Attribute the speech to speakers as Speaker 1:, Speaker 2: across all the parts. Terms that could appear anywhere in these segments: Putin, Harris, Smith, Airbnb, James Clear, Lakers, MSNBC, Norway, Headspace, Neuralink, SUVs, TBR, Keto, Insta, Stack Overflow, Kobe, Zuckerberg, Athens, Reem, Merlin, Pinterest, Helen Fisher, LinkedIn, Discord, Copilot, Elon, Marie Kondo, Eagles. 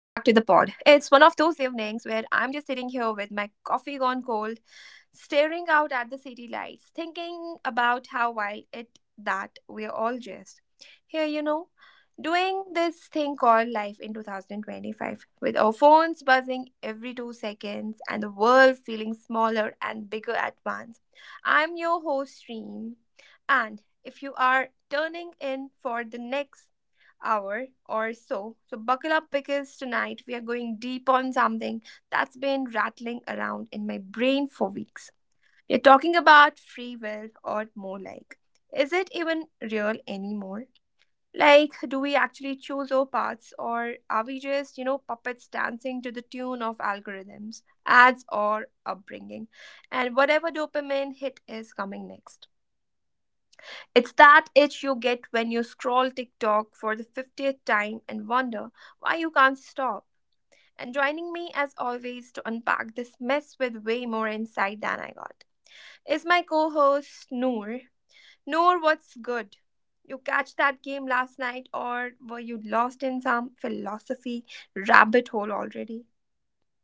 Speaker 1: It's one of those evenings where I'm just sitting here with my coffee gone cold staring out at the city lights, thinking about how wild it that we're all just here, doing this thing called life in 2025 with our phones buzzing every 2 seconds and the world feeling smaller and bigger at once. I'm your host Reem and if you are turning in for the next hour or so buckle up because tonight we are going deep on something that's been rattling around in my brain for weeks. We're talking about free will, or more like, is it even real anymore? Like, do we actually choose our paths, or are we just, puppets dancing to the tune of algorithms, ads, or upbringing, and whatever dopamine hit is coming next? It's that itch you get when you scroll TikTok for the 50th time and wonder why you can't stop. And joining me as always to unpack this mess with way more insight than I got is my co host Noor. Noor, what's good? You catch that game last night, or were you lost in some philosophy rabbit hole already?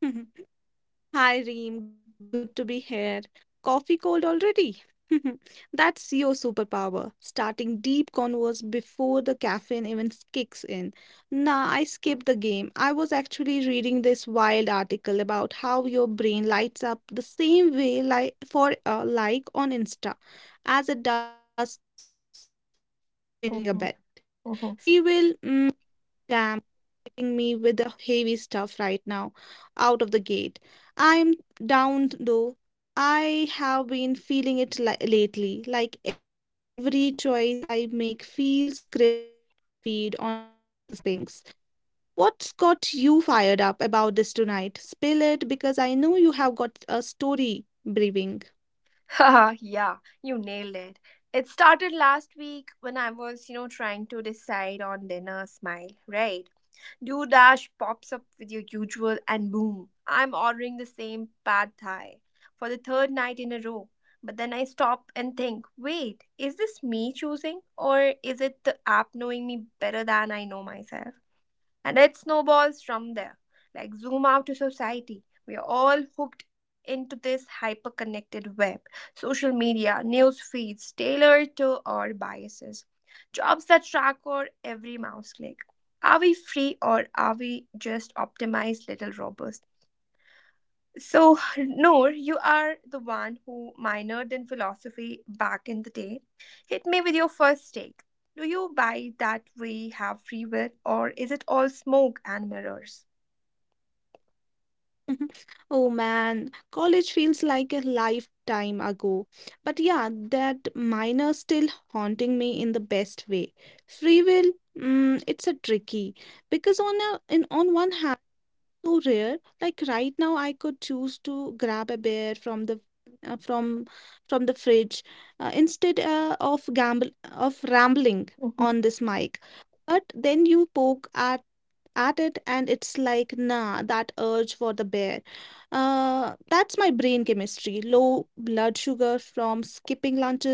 Speaker 2: Hi Reem, good to be here. Coffee cold already? That's your superpower. Starting deep converse before the caffeine even kicks in. Nah, I skipped the game. I was actually reading this wild article about how your brain lights up the same way like for a like on Insta as it does for winning
Speaker 1: Mhm,
Speaker 2: a bet.
Speaker 1: mhm.
Speaker 2: Free will, damn me with the heavy stuff right now, out of the gate. I'm down though. I have been feeling it lately, like every choice I make feels scripted by my feed on my boss's Slack pings. What's got you fired up about this tonight? Spill it because I know you have got a story brewing.
Speaker 1: Haha, yeah, you nailed it. It started last week when I was, trying to decide on dinner smile, right? DoorDash pops up with your usual, and boom, I'm ordering the same pad thai for the third night in a row. But then I stop and think, wait, is this me choosing or is it the app knowing me better than I know myself? And it snowballs from there. Like, zoom out to society. We are all hooked into this hyper connected web, social media, news feeds tailored to our biases, jobs that track our every mouse click. Are we free or are we just optimized little robots? So, Noor, you are the one who minored in philosophy back in the day. Hit me with your first take. Do you buy that we have free will, or is it all smoke and mirrors?
Speaker 2: Mhm. Oh man, college feels like a lifetime ago. But yeah, that minor still haunting me in the best way. Free will, it's a tricky because on a in on one hand, so rare. Like right now, I could choose to grab a bear from the uh, from from the fridge instead of gamble of rambling on
Speaker 1: Mm-hmm.
Speaker 2: this mic. But then you poke at it and it's like nah that urge for the bear that's my brain chemistry low blood sugar from skipping lunches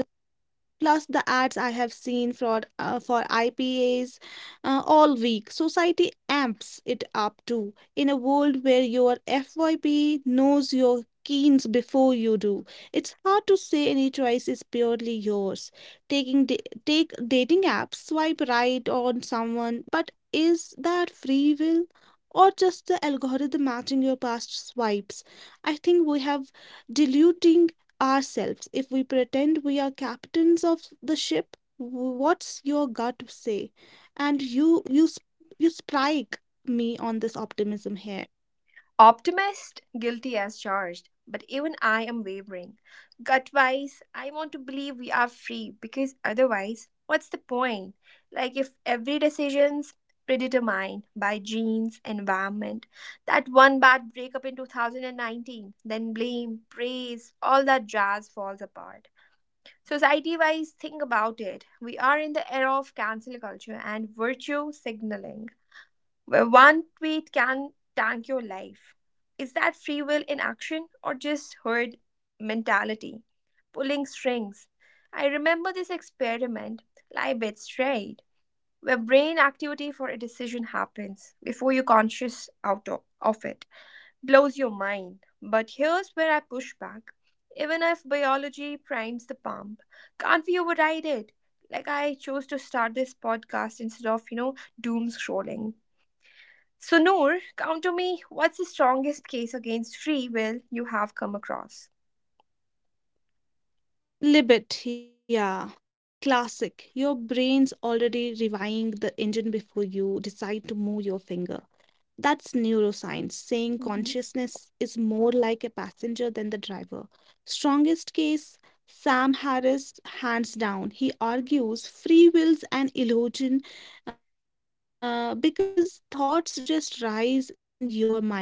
Speaker 2: plus the ads I have seen for IPAs all week. Society amps it up too. In a world where your FYP knows your keens before you do, it's hard to say any choice is purely yours. Take dating apps, swipe right on someone, but is that free will? Or just the algorithm matching your past swipes. I think we have diluting ourselves, if we pretend we are captains of the ship, what's your gut say? And you strike me on this optimism here.
Speaker 1: Optimist, guilty as charged, but even I am wavering. Gut wise, I want to believe we are free because otherwise, what's the point? Like if every decision's predetermined by genes, environment, that one bad breakup in 2019, then blame, praise, all that jazz falls apart. Society wise, think about it. We are in the era of cancel culture and virtue signaling where one tweet can tank your life. Is that free will in action or just herd mentality? Pulling strings. I remember this experiment, Leibniz, right? Where brain activity for a decision happens before you're conscious out of it. Blows your mind. But here's where I push back. Even if biology primes the pump, can't we override it? Like I chose to start this podcast instead of, doom scrolling. So, Noor, count to me what's the strongest case against free will you have come across?
Speaker 2: Libet, yeah, classic. Your brain's already revving the engine before you decide to move your finger. That's neuroscience saying
Speaker 1: Mhm.
Speaker 2: consciousness is more like a passenger than the driver. Strongest case, Sam Harris, hands down. He argues free will's an illusion because thoughts just rise in your mind unbidden.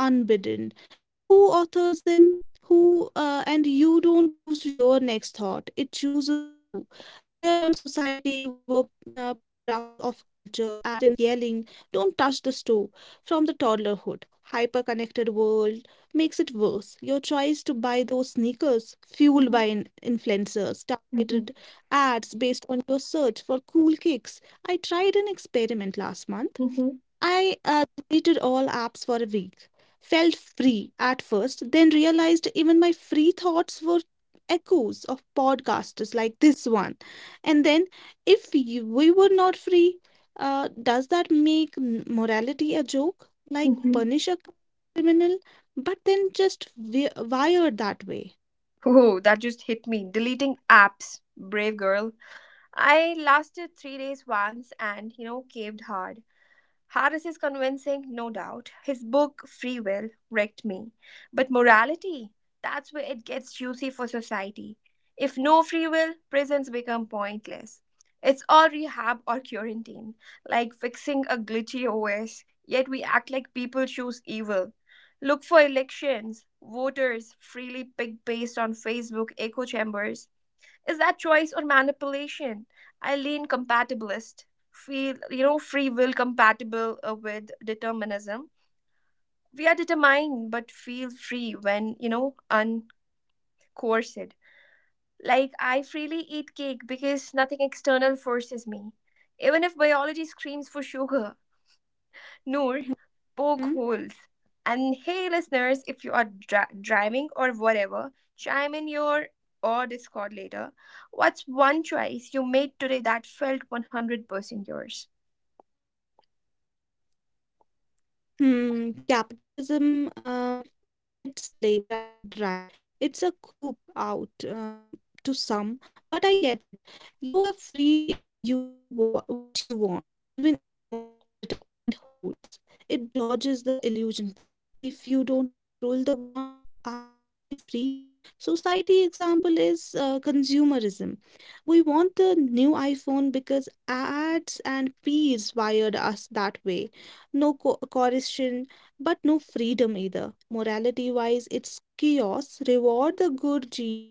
Speaker 2: Who authors them? Who and you don't choose your next thought; it chooses you. Layer on society, we were products of culture, ads, parents yelling, "Don't touch the stove!" from the toddlerhood. Hyper-connected world makes it worse. Your choice to buy those sneakers, fueled by
Speaker 1: Mhm,
Speaker 2: influencers, targeted
Speaker 1: mhm,
Speaker 2: ads based on your search for cool kicks. I tried an experiment last month.
Speaker 1: mhm,
Speaker 2: I deleted all apps for a week. Felt free at first, then realized even my free thoughts were echoes of podcasters like this one. And then, if you, we were not free, does that make morality a joke? Like
Speaker 1: mhm.
Speaker 2: punish a criminal, but then just wired that way.
Speaker 1: Oh, that just hit me. Deleting apps. Brave girl. I lasted three days once and, caved hard. Harris is convincing, no doubt. His book, Free Will, wrecked me. But morality, that's where it gets juicy for society. If no free will, prisons become pointless. It's all rehab or quarantine, like fixing a glitchy OS, yet we act like people choose evil. Look for elections. Voters freely pick based on Facebook echo chambers is that choice or manipulation? I lean compatibilist. Feel, free will compatible with determinism. We are determined but feel free when, uncoerced. Like, I freely eat cake because nothing external forces me. Even if biology screams for sugar, Noor, poke holes.
Speaker 2: Mm-hmm.
Speaker 1: And hey, listeners, if you are driving or whatever, chime in your or Discord later. What's one choice you made today that felt 100% yours?
Speaker 2: Hmm, capitalism, then its playground, right? It's a coup out to some, but I get it. You are free if you do what you want, even if want is determined holds. It dodges the illusion part. If you don't control the wants, are you really free? Society example is consumerism. We want the new iPhone because ads and peers wired us that way no coercion, but no freedom either. Morality wise, it's chaos. Reward the good genes.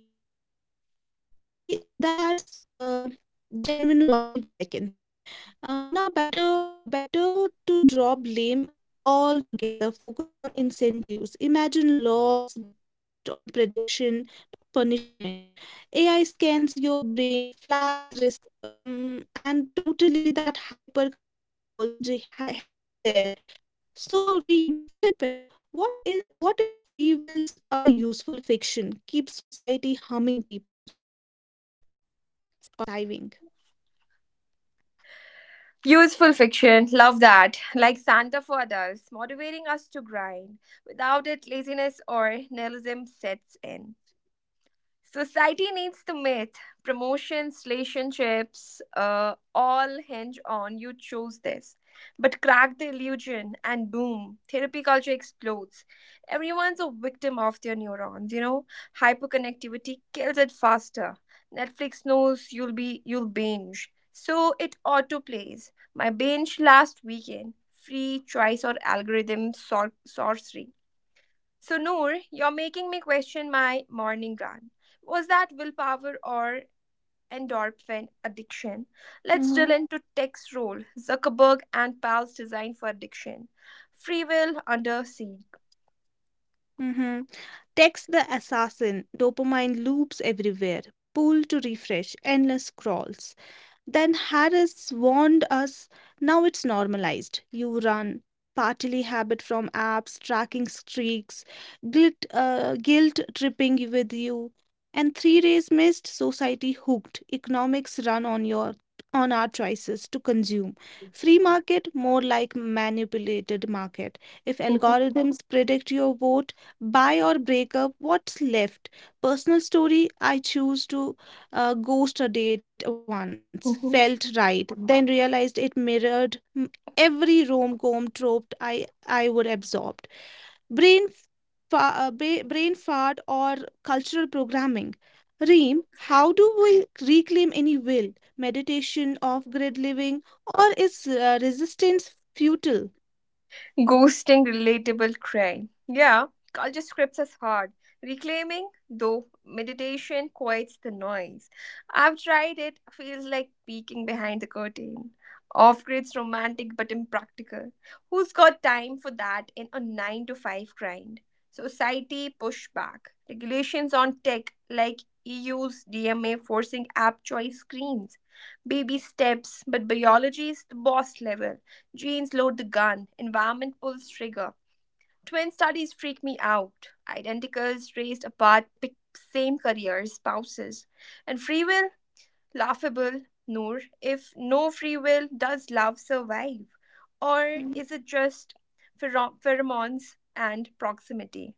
Speaker 2: The that's Genuine vibes, I can say. Now, better to drop blame altogether. Focus on incentives. Imagine laws based on prediction, not punishment. AI scans your brain, flags risk. And totally that hyper connected world's heading there so, Reem, flip it. What if free will's a useful fiction? Keeps society humming, people starving.
Speaker 1: Useful fiction, love that. Like Santa for adults, motivating us to grind. Without it, laziness or nihilism sets in. Society needs the myth. Promotions, relationships, all hinge on you choose this. But crack the illusion and boom, therapy culture explodes. Everyone's a victim of their neurons, you know? Hyperconnectivity kills it faster. Netflix knows you'll binge. So it auto plays. My binge last weekend. Free choice or algorithm sorcery. So, Noor, you're making me question my morning run. Was that willpower or endorphin addiction? Let's drill
Speaker 3: Mhm.
Speaker 1: into tech's role, Zuckerberg and Pal's design for addiction. Free will under siege.
Speaker 3: Mhm. Text the assassin, dopamine loops everywhere, pull to refresh, endless scrolls. Then Harris warned us now it's normalized. You run. Partly habit from apps, tracking streaks, guilt tripping with you. And 3 days missed, society hooked. Economics run on your on our choices to consume. Free market, more like manipulated market. If algorithms predict your vote, buy or break up, what's left? Personal story, I choose to ghost a date once, felt right, then realized it mirrored every rom-com trope I would absorbed. Brain brain fart or cultural programming. Reem, how do we reclaim any will, meditation, off-grid living, or is resistance futile?
Speaker 1: Ghosting relatable crime. Yeah, culture scripts us hard. Reclaiming, though, meditation quiets the noise. I've tried it, feels like peeking behind the curtain. Off grid's romantic but impractical. Who's got time for that in a 9 to 5 grind? Society pushback. Regulations on tech, like EU's DMA forcing app choice screens. Baby steps, but biology is the boss level. Genes load the gun, environment pulls trigger. Twin studies freak me out. Identicals raised apart, pick same careers, spouses. And free will? Laughable, Noor. If no free will, does love survive? Or is it just pheromones and proximity?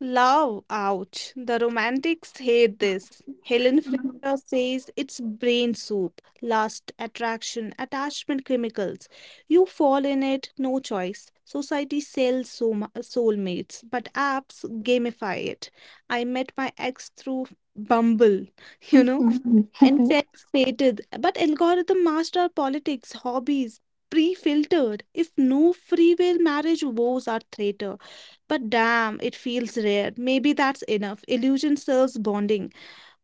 Speaker 3: Love, ouch. The romantics hate this. Helen Fisher
Speaker 1: Mhm.
Speaker 3: says it's brain soup, lust, attraction, attachment chemicals. You fall in it, no choice. Society sells soulmates, but apps gamify it. I met my ex through Bumble, you know and self-fated. But algorithm master politics, hobbies, pre-filtered. If no free will, marriage woes are traitor. But damn, it feels rare. Maybe that's enough. Illusion serves bonding.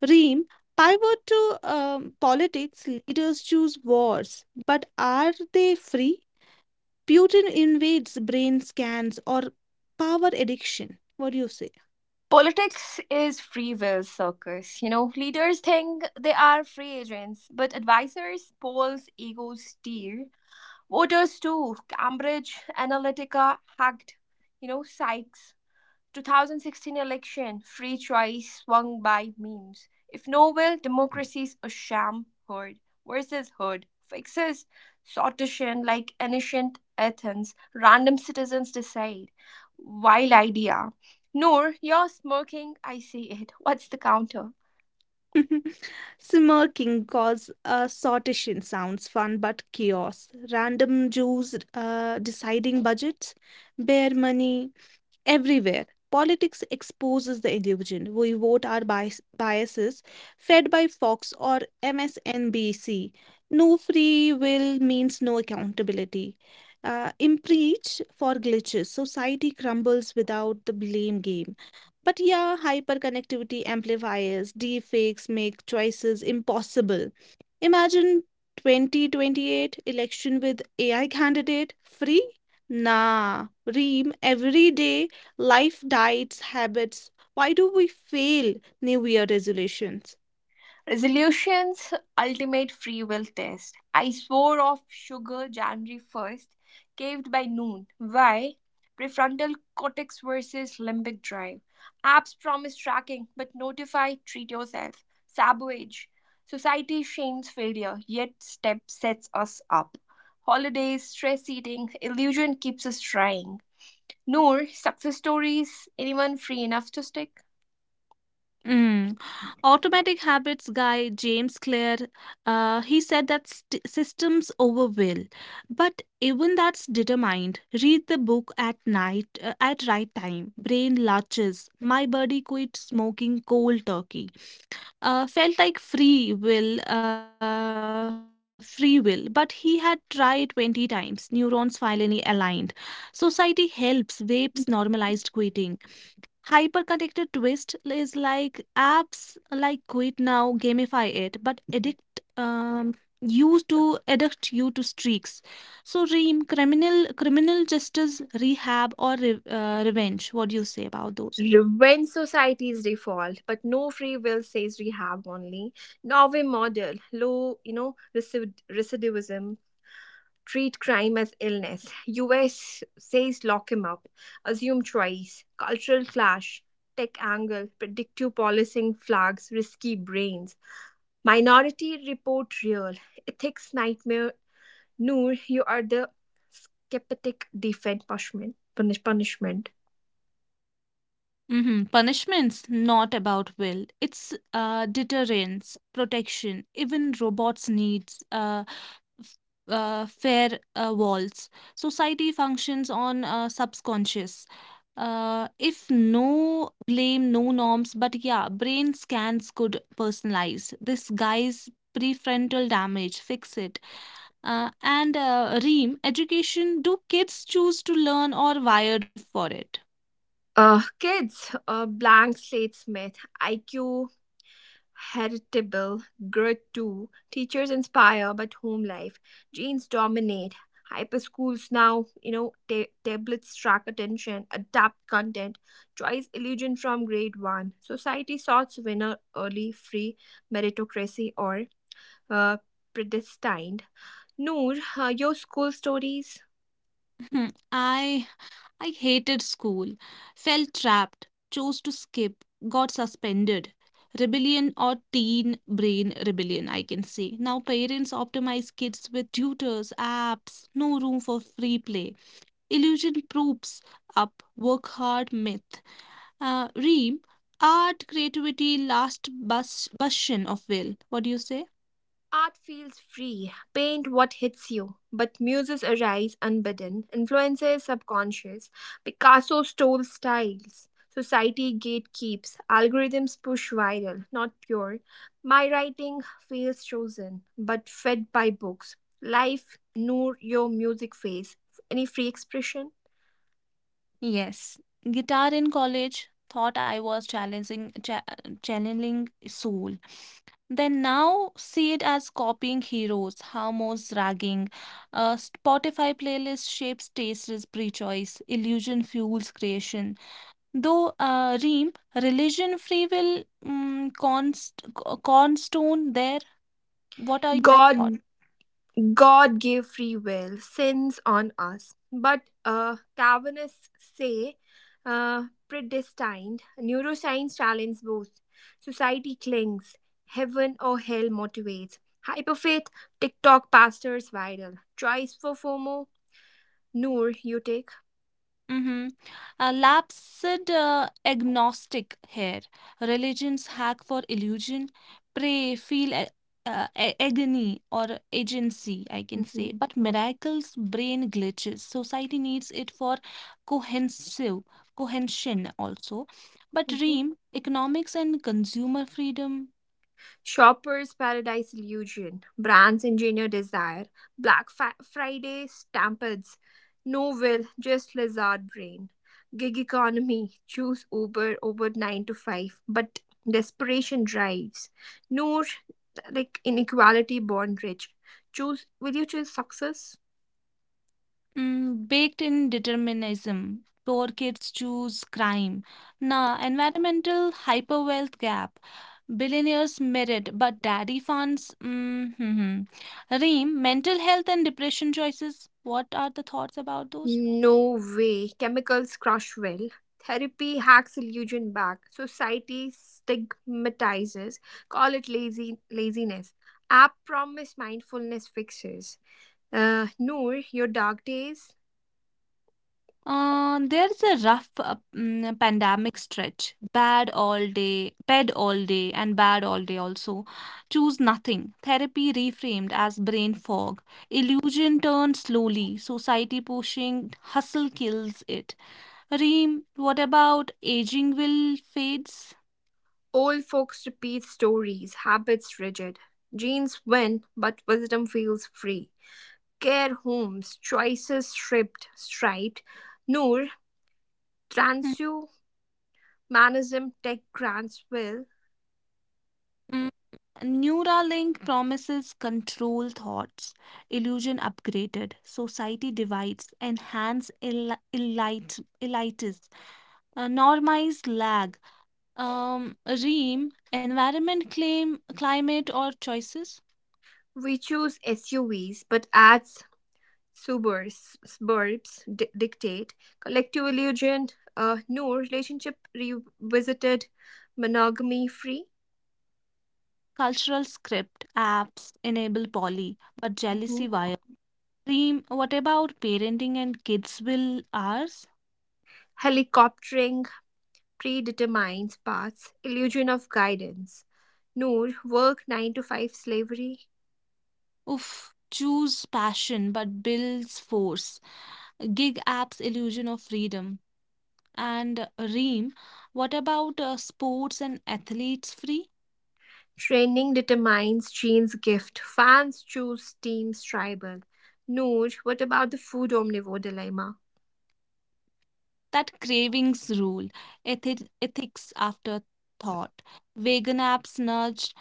Speaker 3: Reem, pivot to politics. Leaders choose wars, but are they free? Putin invades brain scans or power addiction. What do you say?
Speaker 1: Politics is free will circus. You know, leaders think they are free agents, but advisors, polls, egos steer. Voters too. Cambridge Analytica hacked, Sykes. 2016 election, free choice swung by memes. If no will, democracy's a sham herd versus herd fixes. Sortition like ancient Athens, random citizens decide. Wild idea. Noor, you're smirking, I see it. What's the counter?
Speaker 3: Smirking cause sortition sounds fun but chaos. Random Jews deciding budgets, bare money everywhere. Politics exposes the illusion. We vote our biases, fed by Fox or MSNBC. No free will means no accountability. Impeach for glitches. Society crumbles without the blame game. But yeah, hyperconnectivity amplifiers, deepfakes make choices impossible. Imagine 2028 election with AI candidate free? Nah, ream everyday life diets habits. Why do we fail New Year resolutions?
Speaker 1: Resolutions ultimate free will test. I swore off sugar January 1st, caved by noon. Why? Prefrontal cortex versus limbic drive. Apps promise tracking, but notify, treat yourself. Sabotage. Society shames failure, yet step sets us up. Holidays, stress eating, illusion keeps us trying. Noor, success stories? Anyone free enough to stick?
Speaker 3: Mm. Automatic Habits guy James Clear, he said that systems over will, but even that's determined. Read the book at night at right time. Brain latches. My body quit smoking cold turkey. Felt like free will, but he had tried 20 times. Neurons finally aligned. Society helps. Vapes normalized quitting. Hyperconnected twist is like apps like quit now gamify it, but addict you to streaks. So Reem, criminal justice, rehab or revenge. What do you say about those?
Speaker 1: Revenge society's default, but no free will says rehab only. Norway model, low, recidivism, treat crime as illness. US says lock him up, assume choice, cultural clash, tech angle, predictive policing flags, risky brains. Minority report real, ethics nightmare. Noor, you are the skeptic defend punishment. Punishment.
Speaker 3: Punishment's not about will. It's deterrence, protection. Even robots needs f- fair walls. Society functions on subconscious. If no blame, no norms, but yeah, brain scans could personalize. This guy's prefrontal damage, fix it. And Reem, education, do kids choose to learn or wired for it?
Speaker 1: Kids, blank slate Smith, IQ Heritable, grit too. Teachers inspire, but home life. Genes dominate. Hyper schools now, tablets track attention, adapt content, choice illusion from grade one. Society sorts winner early, free meritocracy or uh, predestined. Noor, your school stories?
Speaker 3: Hmm, I I hated school, felt trapped, chose to skip, got suspended. Rebellion or teen brain rebellion, I can say. Now parents optimize kids with tutors, apps, no room for free play. Illusion proofs up, work hard myth. Reem, art, creativity, last bustion of will. What do you say?
Speaker 1: Art feels free, paint what hits you, but muses arise unbidden, influences subconscious, Picasso stole styles, society gatekeeps, algorithms push viral, not pure. My writing feels chosen, but fed by books. Life, nur your music phase, any free expression.
Speaker 3: Yes, guitar in college thought I was challenging cha channeling soul. Then now see it as copying heroes, harmos ragging. Spotify playlist shapes taste is pre-choice, illusion fuels creation. Though Reem, religion free will cornerstone there. What are your thoughts?
Speaker 1: God God gave free will, sins on us, but Calvinists say predestined. Neuroscience challenges both. Society clings. Heaven or hell motivates. Hyperfaith, TikTok pastors viral. Choice for FOMO, Noor, you take.
Speaker 3: Mm-hmm. Lap said agnostic here. Religion's hack for illusion. Pray, feel agony or agency, I can
Speaker 1: Hmm.
Speaker 3: say. But miracles, brain glitches. Society needs it for cohesive, cohesion also. But dream economics and consumer freedom.
Speaker 1: Shoppers paradise illusion, brands engineer desire, Black Friday stampedes, no will, just lizard brain, gig economy, choose Uber over 9 to 5, but desperation drives, Noor, like inequality born rich. Choose, will you choose success?
Speaker 3: Baked in determinism. Poor kids choose crime. Nah, environmental hyperwealth gap. Billionaires merit, but daddy funds. Mm-hmm. Reem, mental health and depression choices. What are the thoughts about those?
Speaker 1: No way. Chemicals crush will. Therapy hacks illusion back. Society stigmatizes. Call it lazy laziness. App promise mindfulness fixes. Noor, your dark days.
Speaker 3: There's a rough pandemic stretch. Bad all day, bed all day, and bad all day also. Choose nothing. Therapy reframed as brain fog. Illusion turned slowly. Society pushing. Hustle kills it. Reem, what about aging will fades?
Speaker 1: Old folks repeat stories. Habits rigid. Genes win, but wisdom feels free. Care homes, choices stripped, striped. Noor, transhumanism tech grants will.
Speaker 3: Hmm. Neuralink promises control thoughts, illusion upgraded, society divides, enhance elite, elitis, normized lag, ream, environment claim, climate or choices,
Speaker 1: We choose SUVs, but as suburbs dictate collective illusion, no relationship revisited, monogamy free,
Speaker 3: cultural script, apps enable poly, but jealousy
Speaker 1: mhm.
Speaker 3: wire. Ream, what about parenting and kids will ours?
Speaker 1: Helicoptering predetermines paths, illusion of guidance. Noor, work 9 to 5 slavery.
Speaker 3: Oof, choose passion but builds force. Gig apps illusion of freedom. And Reem, what about sports and athletes free?
Speaker 1: Training determines genes gift. Fans choose teams tribal. Noor, what about the food omnivore dilemma?
Speaker 3: That cravings rule, ethics after thought, vegan apps nudged.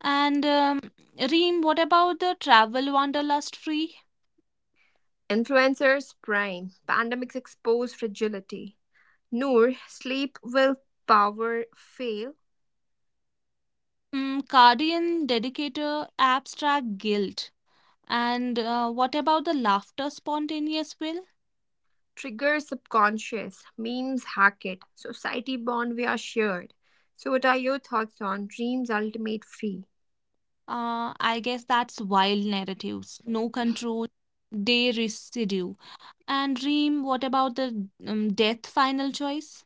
Speaker 3: And Reem, what about the travel wanderlust free?
Speaker 1: Influencers brain: pandemics expose fragility. Noor: sleep will power fail.
Speaker 3: Mm, Guardian dedicator abstract guilt. And What about the laughter spontaneous will?
Speaker 1: Triggers subconscious. Memes hack it. Society bond we are shared. So, what are your thoughts on dreams ultimate free?
Speaker 3: I guess that's wild narratives. No control, they residue. And Reem, what about the death final choice?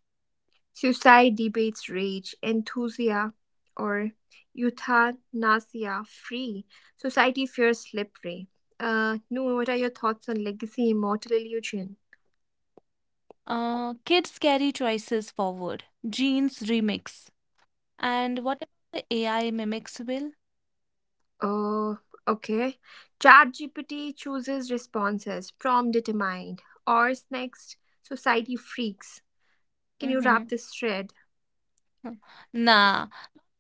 Speaker 1: Suicide debates rage, enthusia or euthanasia free. Society fears slippery. Noor, what are your thoughts on legacy immortal illusion?
Speaker 3: Kids carry choices forward. Genes remix. And what about the AI mimics will?
Speaker 1: Oh, okay. ChatGPT chooses responses from determined or next society freaks. Can you wrap
Speaker 3: Mm-hmm.
Speaker 1: this thread?
Speaker 3: Nah,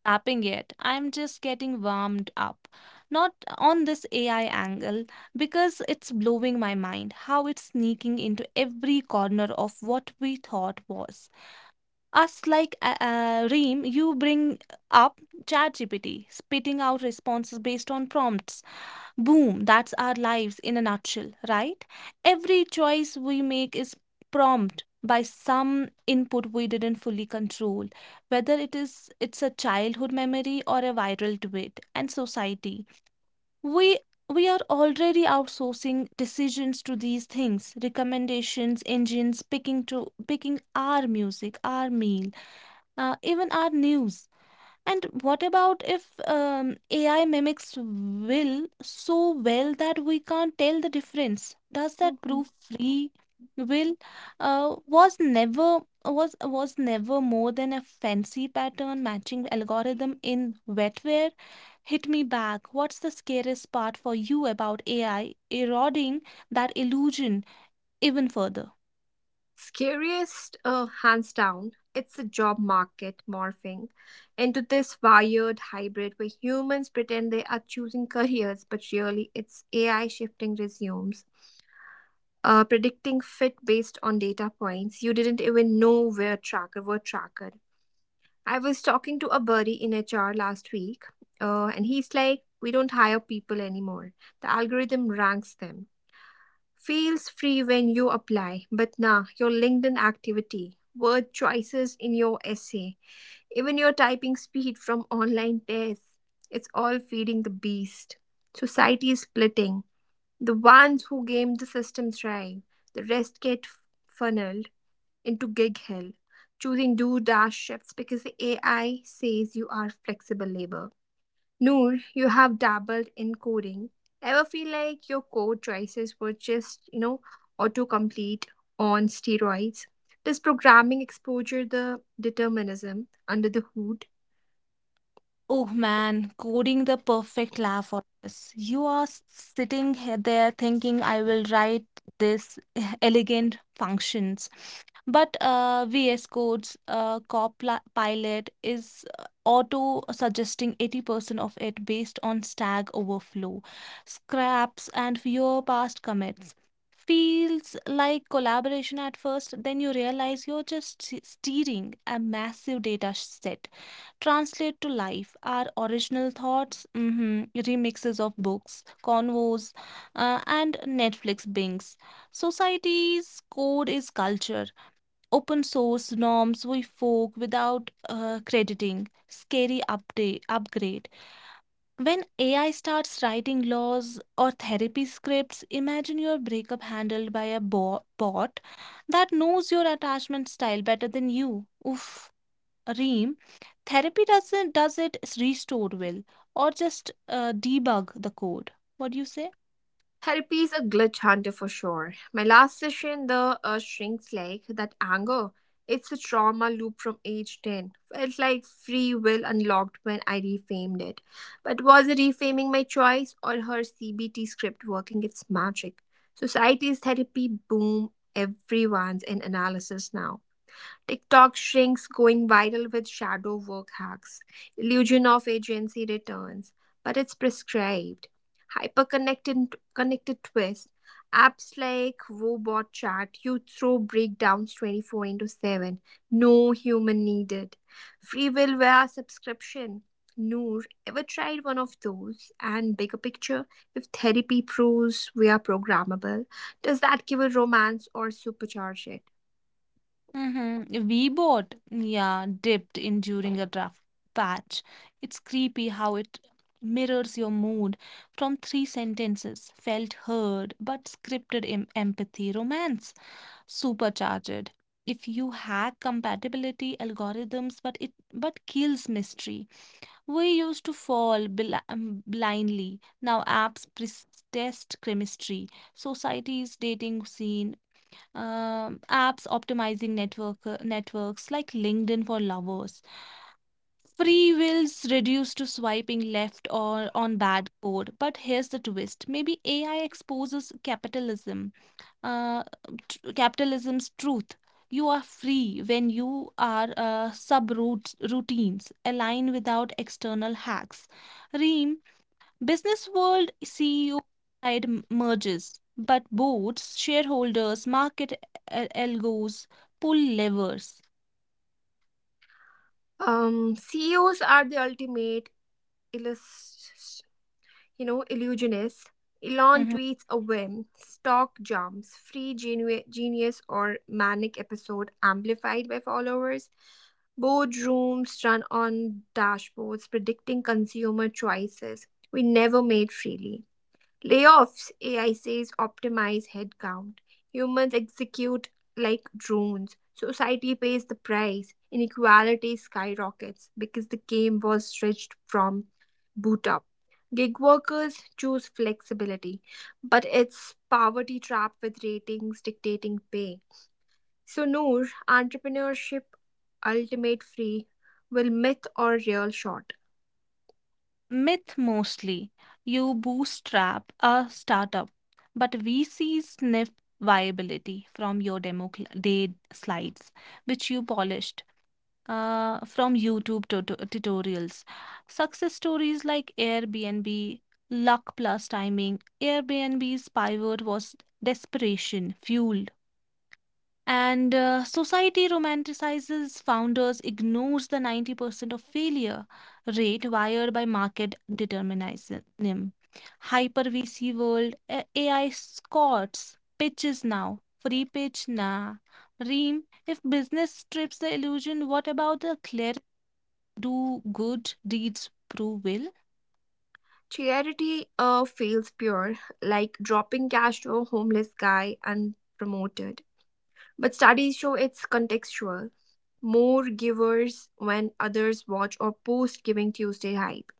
Speaker 3: tapping it. I'm just getting warmed up. Not on this AI angle because it's blowing my mind how it's sneaking into every corner of what we thought was. Us like Reem, you bring up ChatGPT, spitting out responses based on prompts. Boom, that's our lives in a nutshell, right? Every choice we make is prompted by some input we didn't fully control, whether it's a childhood memory or a viral tweet. And society, we we are already outsourcing decisions to these things recommendations engines picking our music our meal even our news. And what about if AI mimics will so well that we can't tell the difference? Does that
Speaker 1: Mhm.
Speaker 3: prove free will uh, was never was never more than a fancy pattern matching algorithm in wetware? Hit me back. What's the scariest part for you about AI eroding that illusion even further?
Speaker 1: Scariest, hands down, it's the job market morphing into this wired hybrid where humans pretend they are choosing careers, but really it's AI shifting resumes, predicting fit based on data points you didn't even know were tracker were tracked. I was talking to a buddy in HR last week, and he's like, "We don't hire people anymore. The algorithm ranks them." Feels free when you apply, but nah, your LinkedIn activity, word choices in your essay, even your typing speed from online tests, it's all feeding the beast. Society is splitting. The ones who game the system thrive, the rest get funneled into gig hell, choosing do dash shifts because the AI says you are flexible labor. Noor, you have dabbled in coding. Ever feel like your code choices were just, autocomplete on steroids? Does programming exposure the determinism under the hood?
Speaker 3: Oh man, coding the perfect laugh for this. You are sitting there thinking, I will write this elegant functions. But VS Code's Copilot is auto suggesting 80% of it based on Stack Overflow, scraps, and your past commits. Feels like collaboration at first, then you realize you're just steering a massive data set translate to life our original thoughts, remixes of books, convos, and Netflix bings. Society's code is culture, open source norms we fork without crediting, scary update, upgrade. When AI starts writing laws or therapy scripts, imagine your breakup handled by a bot that knows your attachment style better than you. Oof. Reem, therapy doesn't does it restore will or just debug the code. What do you say?
Speaker 1: Therapy is a glitch hunter for sure. My last session, the shrinks like that anger. It's a trauma loop from age 10. Felt like free will unlocked when I reframed it. But was it reframing my choice or her CBT script working its magic? Society's therapy boom, everyone's in analysis now. TikTok shrinks going viral with shadow work hacks, illusion of agency returns, but it's prescribed. Hyperconnected connected twist. Apps like Robot Chat, you throw breakdowns 24/7. No human needed. Free will via subscription. Noor, ever tried one of those? And bigger picture, if therapy proves we are programmable, does that give a romance or supercharge it?
Speaker 3: Mm-hmm. VBot, yeah, dipped in during a draft patch. It's creepy how it mirrors your mood from 3 sentences felt heard but scripted empathy romance supercharged if you hack compatibility algorithms but kills mystery. We used to fall blindly. Now apps test chemistry, societies dating scene, apps optimizing networks like LinkedIn for lovers free will's reduced to swiping left or on bad code. But here's the twist: maybe AI exposes capitalism, uh, capitalism's truth. You are free when you are subrout routines align without external hacks. Reem, business world CEO side merges, but boards, shareholders, market algos pull levers.
Speaker 1: CEOs are the ultimate illus- illusionist. Elon
Speaker 3: Mm-hmm.
Speaker 1: tweets a whim, stock jumps, free genius or manic episode amplified by followers. Boardrooms run on dashboards predicting consumer choices we never made freely. Layoffs, AI says, optimize headcount. Humans execute like drones. Society pays the price. Inequality skyrockets because the game was stretched from boot up. Gig workers choose flexibility, but it's poverty trap with ratings dictating pay. So, Noor, entrepreneurship, ultimate free, will myth or real short?
Speaker 3: Myth mostly. You bootstrap a startup, but VC sniff viability from your demo day slides, which you polished from YouTube tutorials. Success stories like Airbnb, luck plus timing. Airbnb's pivot was desperation fueled and society romanticizes founders, ignores the 90% of failure rate wired by market determinism. Hyper VC world, AI scots, pitches now, free pitch nah. Reem, if business strips the illusion, what about the clear do good deeds prove will?
Speaker 1: Charity feels pure, like dropping cash to a homeless guy and promoted. But studies show it's contextual. More givers when others watch or post Giving Tuesday hype.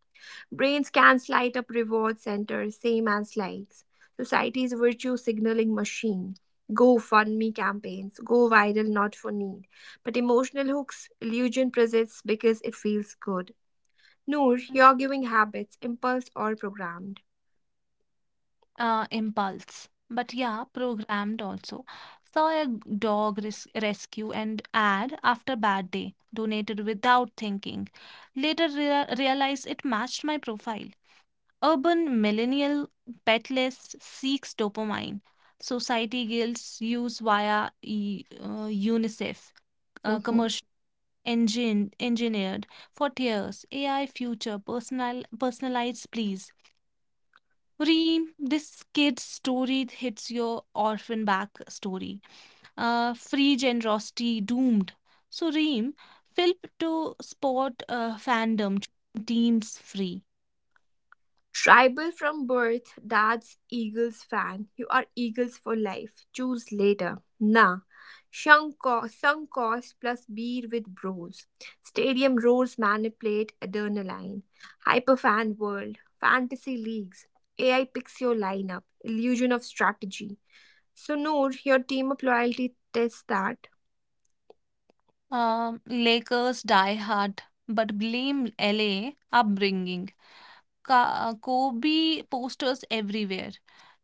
Speaker 1: Brains can light up reward centers, same as likes. Society's virtue signaling machine. Go fund me campaigns, go viral not for need. But emotional hooks, illusion persists because it feels good. Noor, your giving habits, impulse or programmed.
Speaker 3: Impulse, but yeah, programmed also. Saw a dog rescue and ad after bad day, donated without thinking. Later realized it matched my profile. Urban millennial petless seeks dopamine. Society guilds use via UNICEF,
Speaker 1: 嗯哼。
Speaker 3: commercial engineered for tears. AI future personalized please. Reem, this kid's story hits your orphan back story. Free generosity doomed. So, Reem, Philp to sport fandom teams free.
Speaker 1: Tribal from birth, dad's Eagles fan. You are Eagles for life. Choose later. Nah. Sunk cost plus beer with bros. Stadium roars manipulate adrenaline. Hyperfan world. Fantasy leagues. AI picks your lineup. Illusion of strategy. So Noor, your team up loyalty tests that.
Speaker 3: Lakers die hard, but blame LA upbringing. Kobe posters everywhere.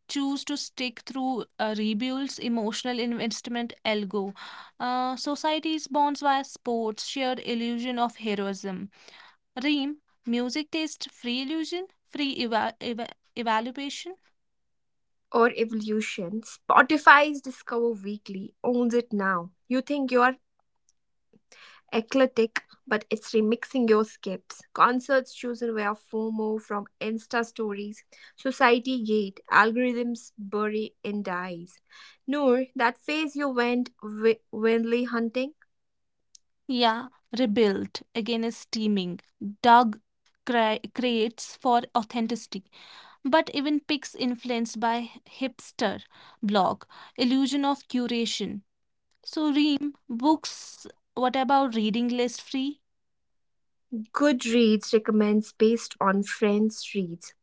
Speaker 3: Choose to stick through rebuilds, emotional investment, Elgo. Societies bonds via sports, shared illusion of heroism. Reem, music taste free illusion, free evaluation.
Speaker 1: Or evolution. Spotify's Discover Weekly owns it now. You think you are eclectic, but it's remixing your skips. Concerts chosen via FOMO from Insta stories, society gate, algorithms bury in dies. Noor, that phase you went winley hunting?
Speaker 3: Yeah, rebuilt again is steaming. Doug creates for authenticity, but even picks influenced by hipster blog. Illusion of curation. So, Reem, books, what about reading list free?
Speaker 1: Goodreads recommends based on friends' reads.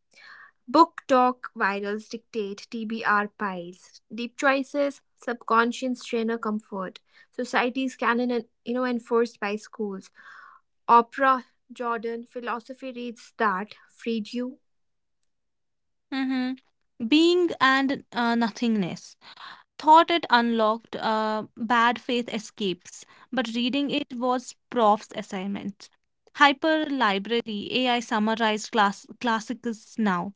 Speaker 1: Book talk virals dictate TBR piles. Deep choices, subconscious trainer comfort. Society's canon and enforced by schools. Opera Jordan philosophy reads that Friedeu
Speaker 3: Mm-hmm. Being and nothingness. Thought it unlocked bad faith escapes, but reading it was prof's assignment. Hyper Library AI summarized classics now.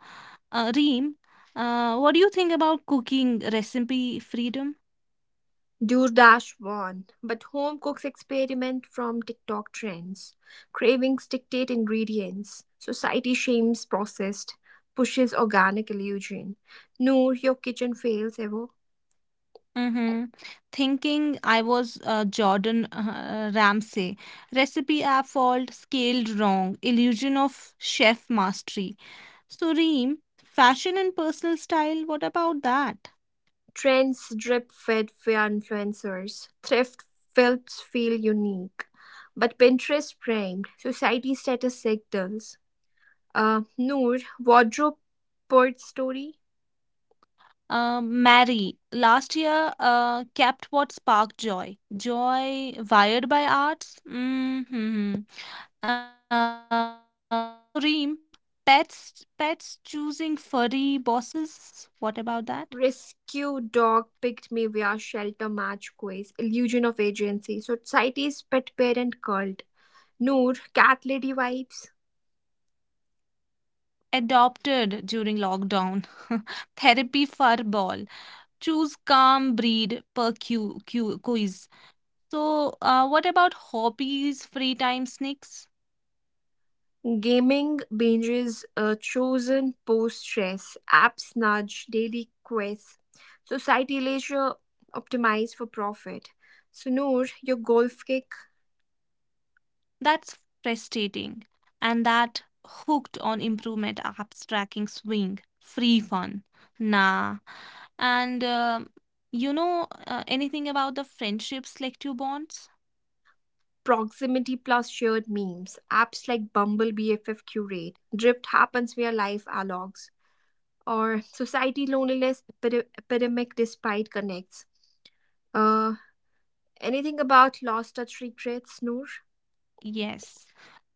Speaker 3: Reem, what do you think about cooking recipe freedom?
Speaker 1: do dash one, but home cooks experiment from TikTok trends. Cravings dictate ingredients. Society shames processed, pushes organic illusion. Noor, your kitchen fails ever.
Speaker 3: Mm-hmm. Thinking I was Jordan Ramsay. Recipe app fault, scaled wrong, illusion of chef mastery. So, Reem, fashion and personal style, what about that?
Speaker 1: Trends drip fed via influencers. Thrift films feel unique. But Pinterest framed society status signals. Noor, wardrobe port story?
Speaker 3: Mary, last year kept what sparked joy. Joy wired by arts? Mm-hmm. So, Reem, pets choosing furry bosses? What about that?
Speaker 1: Rescue Dog Picked Me Via Shelter Match Quiz, Illusion of Agency, Society's Pet Parent Cult, Noor, Cat Lady Vibes,
Speaker 3: Adopted during lockdown. Therapy fur ball. Choose calm breed per quiz. So, what about hobbies, free time, snacks?
Speaker 1: Gaming Binges, Chosen Post Stress, App Nudge, Daily Quest, Society Leisure Optimized for Profit. So, Noor, your golf kick,
Speaker 3: That's frustrating. And that hooked on improvement apps tracking swing, free fun. Nah. And you know Anything about the friendships selective bonds?
Speaker 1: proximity plus shared memes, apps like Bumble BFF Curate, Drift happens via live allogs, or society loneliness epidemic despite connects. Uh, anything about lost touch regrets, Noor?
Speaker 3: Yes.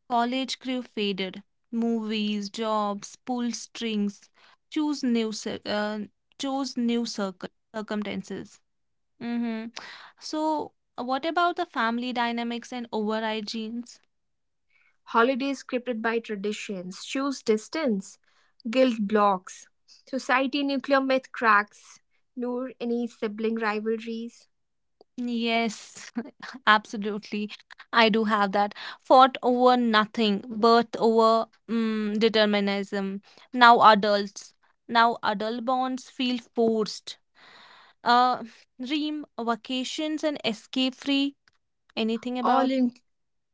Speaker 3: College crew faded. Movies, jobs, pull strings, choose new, chose new circle circumstances. Mm-hmm. So, what about the family dynamics and override genes?
Speaker 1: Holidays scripted by traditions, choose distance, guilt blocks, society nuclear myth cracks, Noor, any sibling rivalries,
Speaker 3: Yes, absolutely. I do have that. Fought over nothing, birth over determinism. Now adults. Now adult bonds feel forced. Uh, Dream, vacations, and escape free. Anything
Speaker 1: all
Speaker 3: about.
Speaker 1: in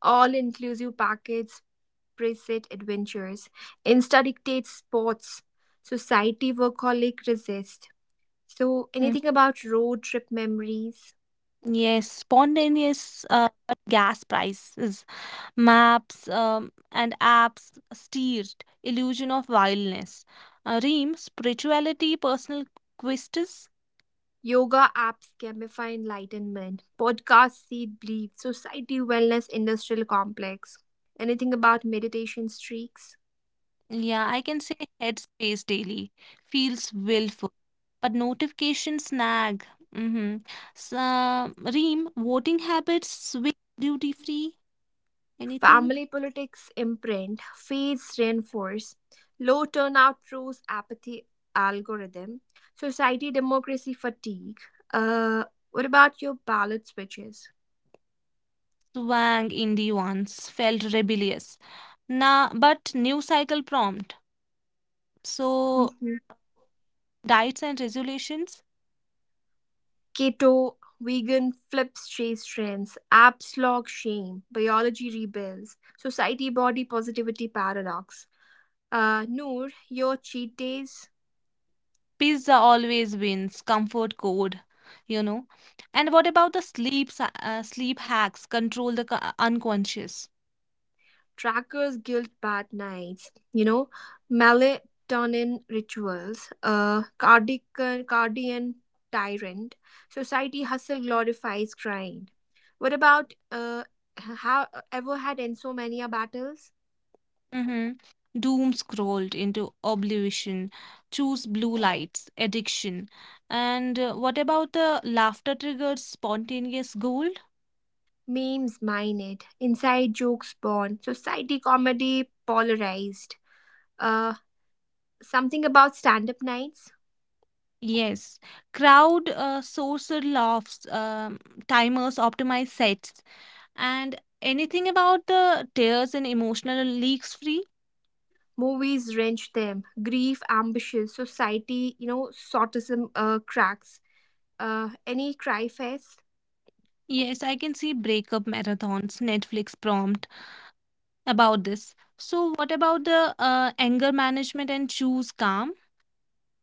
Speaker 1: all inclusive packets, preset adventures, Insta dictates sports, society workaholic resist. So
Speaker 3: Mm.
Speaker 1: anything about road trip memories?
Speaker 3: Yes, spontaneous but gas prices, maps and apps steered illusion of wildness. Reem, spirituality, personal quests.
Speaker 1: Yoga apps gamify enlightenment. Podcasts seed belief. Society wellness industrial complex. Anything about meditation streaks?
Speaker 3: Yeah, I can say headspace daily feels willful, but notifications snag. Mm-hmm. So, Reem, voting habits, swing duty free, anything?
Speaker 1: Family politics imprint. Faiths reinforce. Low turnout proves apathy algorithm. Society democracy fatigue. Uh, what about your ballot switches?
Speaker 3: Swang indie ones felt rebellious. Nah, but new cycle prompt. So,
Speaker 1: Mhm.
Speaker 3: diets and resolutions,
Speaker 1: Keto, vegan flips chase trends, apps log shame, biology rebels, society body positivity paradox. Noor, your cheat days,
Speaker 3: pizza always wins, comfort code, you know. And what about the sleep, sleep hacks, control the unconscious?
Speaker 1: trackers guilt bad nights, melatonin rituals, cardian tyrant, society hustle glorifies grind. What about have ever had insomnia battles?
Speaker 3: Hmm. Doom scrolled into oblivion, choose blue lights, addiction. And what about the laughter triggers spontaneous gold?
Speaker 1: Memes mine it. Inside jokes born. Society comedy polarized. Uh, something about stand up nights.
Speaker 3: Yes, crowd sorcerer laughs, timers optimize sets, and anything about the tears and emotional leaks free?
Speaker 1: Movies wrench them. Grief, ambition, society, sortism cracks. Any cry fest.
Speaker 3: Yes, I can see breakup marathons, Netflix prompt about this. So, what about the anger management and choose calm?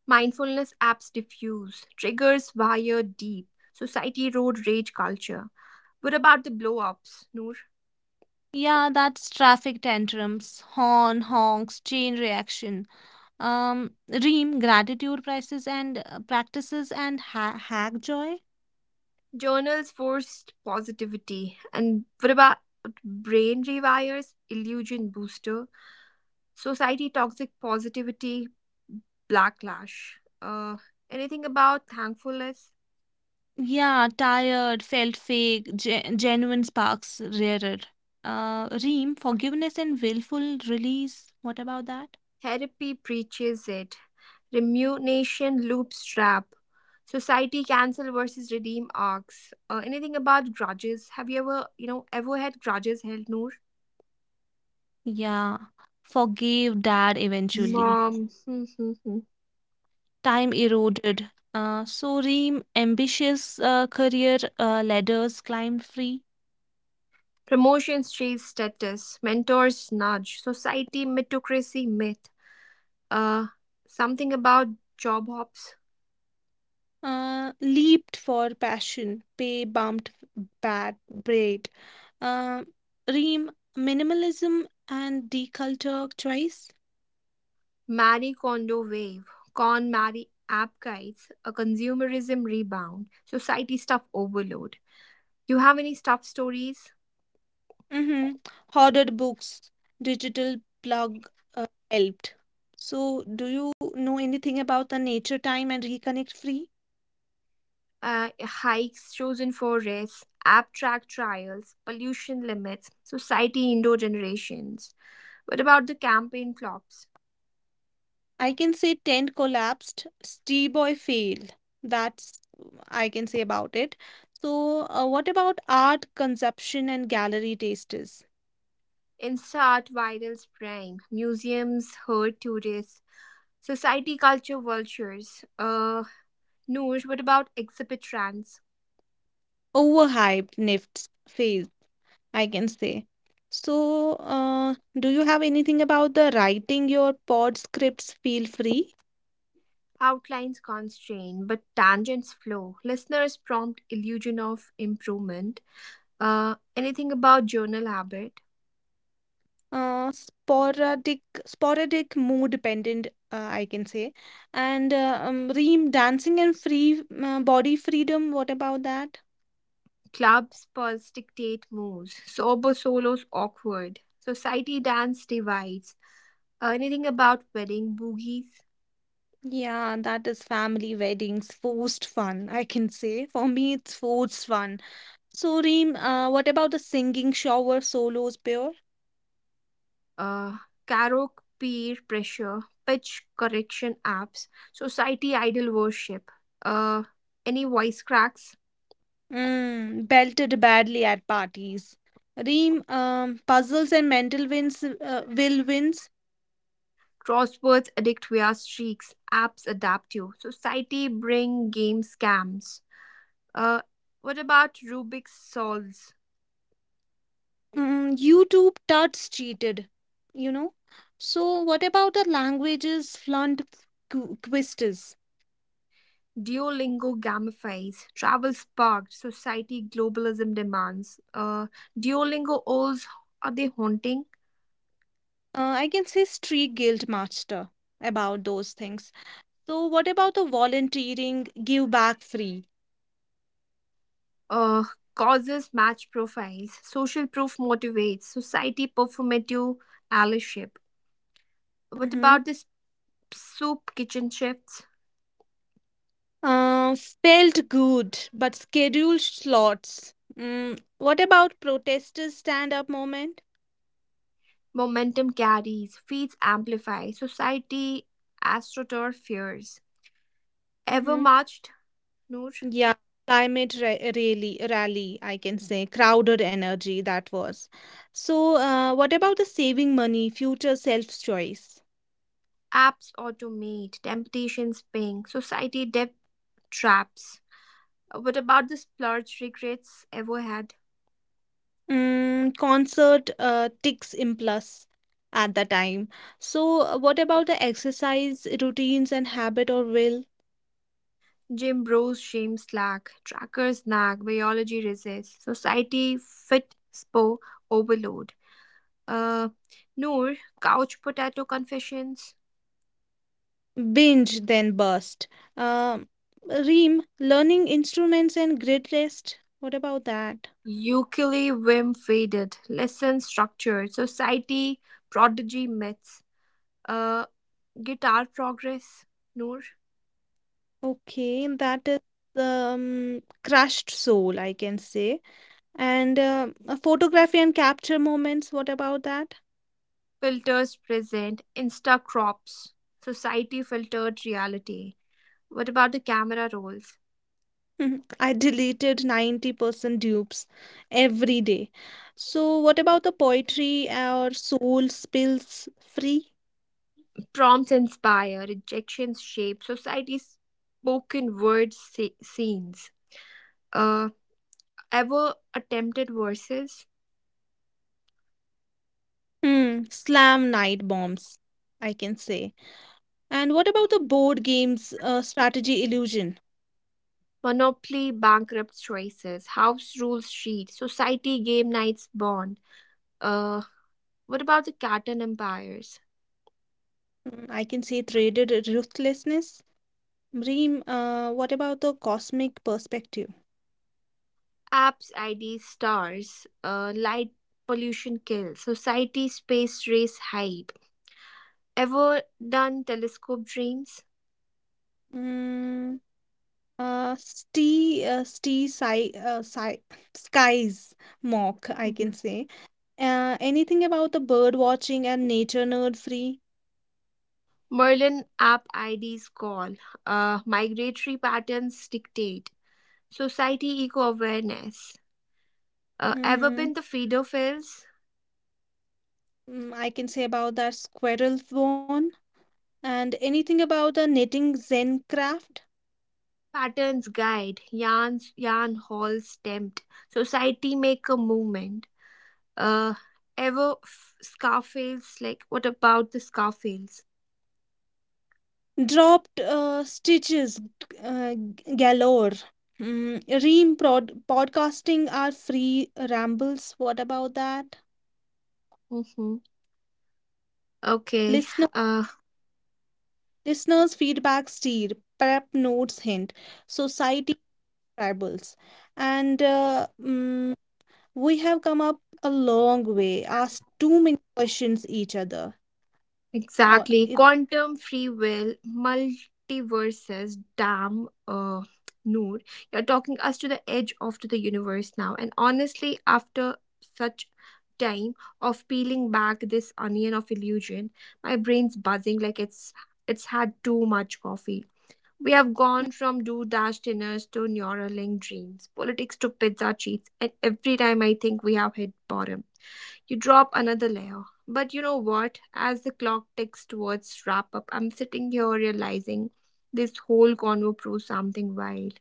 Speaker 1: Mindfulness apps diffuse. Triggers wired deep. Society road rage culture. What about the blow ups, Noor?
Speaker 3: Yeah, that's traffic tantrums, horn, honks, chain reaction. Ream, gratitude prices and practices and hack joy.
Speaker 1: Journals forced positivity. And what about brain rewires illusion booster Society toxic positivity, backlash. Anything about thankfulness?
Speaker 3: Yeah, tired, felt fake, genuine sparks rarer. Ream, forgiveness and willful release. What about that?
Speaker 1: Therapy preaches it. Remuneration loops trap. Society cancel versus redeem arcs. Anything about grudges? Have you ever, ever had grudges held, Noor?
Speaker 3: Yeah, forgave dad eventually.
Speaker 1: Mom. Hmm, hmm, hmm.
Speaker 3: Time eroded. So ream, ambitious career ladders climbed free.
Speaker 1: Promotions chase status. Mentors nudge. Society meritocracy myth. Uh, something about job hops.
Speaker 3: Leaped for passion, pay bumped bad braid. Uh, Reem minimalism and deculture choice.
Speaker 1: Marie Kondo wave, con Marie app guides, a consumerism rebound, society stuff overload. You have any stuff stories?
Speaker 3: Mm-hmm. Hoarded books, digital plug helped. So, do you know anything about the nature time and reconnect free?
Speaker 1: Hikes chosen for rest, app track trials, pollution limits, society indoor generations. What about the campaign flops?
Speaker 3: I can say tent collapsed, boy failed. That's I can say about it. So, what about art consumption and gallery tastes?
Speaker 1: Instart virals prime, museums hurt tourists, society culture vultures. Noor, what about exhibit trends?
Speaker 3: Overhyped Nifts phase, I can say. So, do you have anything about the writing your pod scripts? Feel free.
Speaker 1: Outlines constrain, but tangents flow. Listeners prompt illusion of improvement. Anything about journal habit?
Speaker 3: Sporadic mood dependent, I can say. And ream dancing and free body freedom. What about that?
Speaker 1: Clubs pulse dictate moves. Sober solos awkward. Society dance divides. Anything about wedding boogies?
Speaker 3: Yeah, that is family weddings, forced fun, I can say. For me, it's forced fun. So, Reem, what about the singing shower solos, pure?
Speaker 1: Uh, karaoke peer pressure. Pitch correction apps. Society idol worship. Uh, any voice cracks?
Speaker 3: Mm, belted badly at parties. Reem, puzzles and mental wins, will wins.
Speaker 1: Crosswords addict via streaks. Apps adapt you. Society bring game scams. Uh, what about Rubik's solves?
Speaker 3: Mm, YouTube tuts cheated, you know? So, what about the languages flunked quizzes?
Speaker 1: Duolingo gamifies. Travel sparked. Society globalism demands. Duolingo owls are they haunting?
Speaker 3: I can say street guild master about those things. So, what about the volunteering, give back free?
Speaker 1: Uh, causes match profiles. Social proof motivates. Society performative allyship. What
Speaker 3: Mm-hmm.
Speaker 1: about this soup kitchen chefs?
Speaker 3: Uh, Felt good, but scheduled slots. Mm, what about protesters' stand up moment?
Speaker 1: Momentum carries, feeds amplify, society astroturf fears. Ever
Speaker 3: Mm-hmm.
Speaker 1: marched, Noor?
Speaker 3: Yeah, climate ra rally, rally, I can say, crowded energy that was. So, what about the saving money, future self's choice?
Speaker 1: Apps automate, temptations ping, society debt traps. What about the splurge regrets ever had?
Speaker 3: Mm, concert ticks in plus at the time. So, what about the exercise routines and habit or will?
Speaker 1: Jim bros shame slack, trackers nag, biology resists, society fit spo overload. Uh, Noor, couch potato confessions.
Speaker 3: Binge then burst. Um, Reem, learning instruments and grid rest. What about that?
Speaker 1: Ukule Wim faded, lesson structure, society, prodigy myths, uh, guitar progress, Noor,
Speaker 3: Okay, that is crushed soul, I can say. And photography and capture moments. What about that?
Speaker 1: filters present, insta crops, society filtered reality. What about the camera roles?
Speaker 3: I deleted 90% dupes every day. So, what about the poetry or soul spills free?
Speaker 1: Prompts inspire, rejections shape, society's spoken word scenes. Uh, ever attempted verses?
Speaker 3: Hmm, slam night bombs, I can say. And what about the board game's strategy illusion?
Speaker 1: Monopoly bankrupt choices, house rules sheet, society game nights born Uh, what about the cartoon empires?
Speaker 3: Mm, I can say traded ruthlessness. Reem, what about the cosmic perspective?
Speaker 1: Apps, IDs, stars, light pollution kills society, space race hype. Ever done telescope dreams?
Speaker 3: Mm, Ste Ste Sci Sci Skies mock, I
Speaker 1: Mhm.
Speaker 3: can say. Anything about the bird watching and nature nerd free?
Speaker 1: Merlin app IDs call, migratory patterns dictate, society eco awareness. Ever
Speaker 3: Mm-hmm.
Speaker 1: been the Fidophils?
Speaker 3: Mm, I can say about that squirrel one. And anything about the knitting Zen craft?
Speaker 1: Patterns guide, yarn halls tempt, society make a movement. Uh ever f- scarface like What about the scarface
Speaker 3: Dropped stitches uh, galore. Mm, Reem podcasting are free rambles. What about that?
Speaker 1: mm-hmm. Okay
Speaker 3: Listener,
Speaker 1: uh
Speaker 3: Listeners' feedback steer, prep notes hint, society tribals. And we have come up a long way, asked too many questions each other. Uh,
Speaker 1: exactly
Speaker 3: it-
Speaker 1: quantum free will multiverses damn Noor, you're talking us to the edge of to the universe now, and honestly after such time of peeling back this onion of illusion my brain's buzzing like it's had too much coffee. We have gone from do dash dinners to Neuralink dreams, politics to pizza cheats, and every time I think we have hit bottom, you drop another layer. But you know what? As the clock ticks towards wrap up, I'm sitting here realizing this whole convo proves something wild.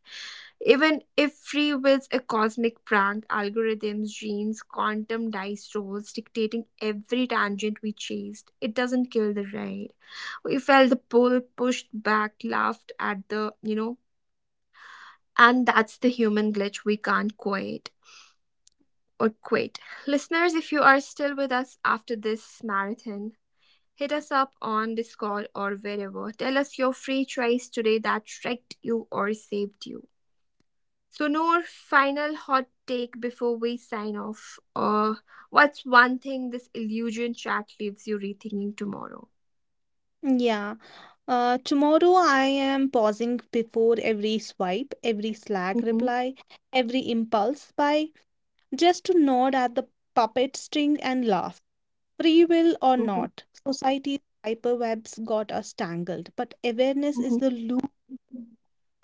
Speaker 1: Even if free will's a cosmic prank, algorithms, genes, quantum dice rolls dictating every tangent we chased, it doesn't kill the ride. We felt the pull, pushed back, laughed at the, and that's the human glitch we can't quit or quit. Listeners, if you are still with us after this marathon, hit us up on Discord or wherever. Tell us your free choice today that wrecked you or saved you. So, Noor, final hot take before we sign off. What's one thing this illusion chat leaves you rethinking tomorrow?
Speaker 3: yeah. Tomorrow I am pausing before every swipe, every Slack
Speaker 1: Hmm.
Speaker 3: reply, every impulse buy, just to nod at the puppet string and laugh. Free will or
Speaker 1: Hmm.
Speaker 3: not, society's hyperwebs got us tangled, but awareness is
Speaker 1: Hmm.
Speaker 3: the loop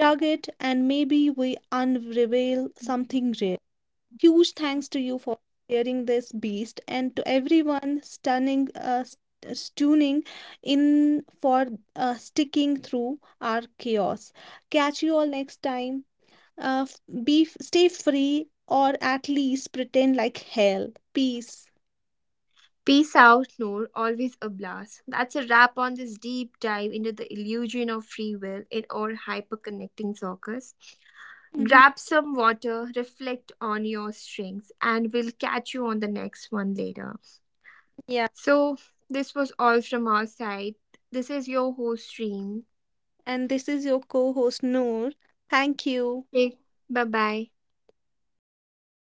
Speaker 3: target, and maybe we unreveal something real. Huge thanks to you for sharing this beast and to everyone tuning in for sticking through our chaos. Catch you all next time. Stay free or at least pretend like hell. Peace.
Speaker 1: Peace out, Noor. Always a blast. That's a wrap on this deep dive into the illusion of free will in our hyperconnecting circus.
Speaker 3: Mhm.
Speaker 1: Grab some water, reflect on your strengths, and we'll catch you on the next one later.
Speaker 3: Yeah.
Speaker 1: So, this was all from our side. This is your host, Stream.
Speaker 3: And this is your co-host Noor. Thank you.
Speaker 1: Bye bye.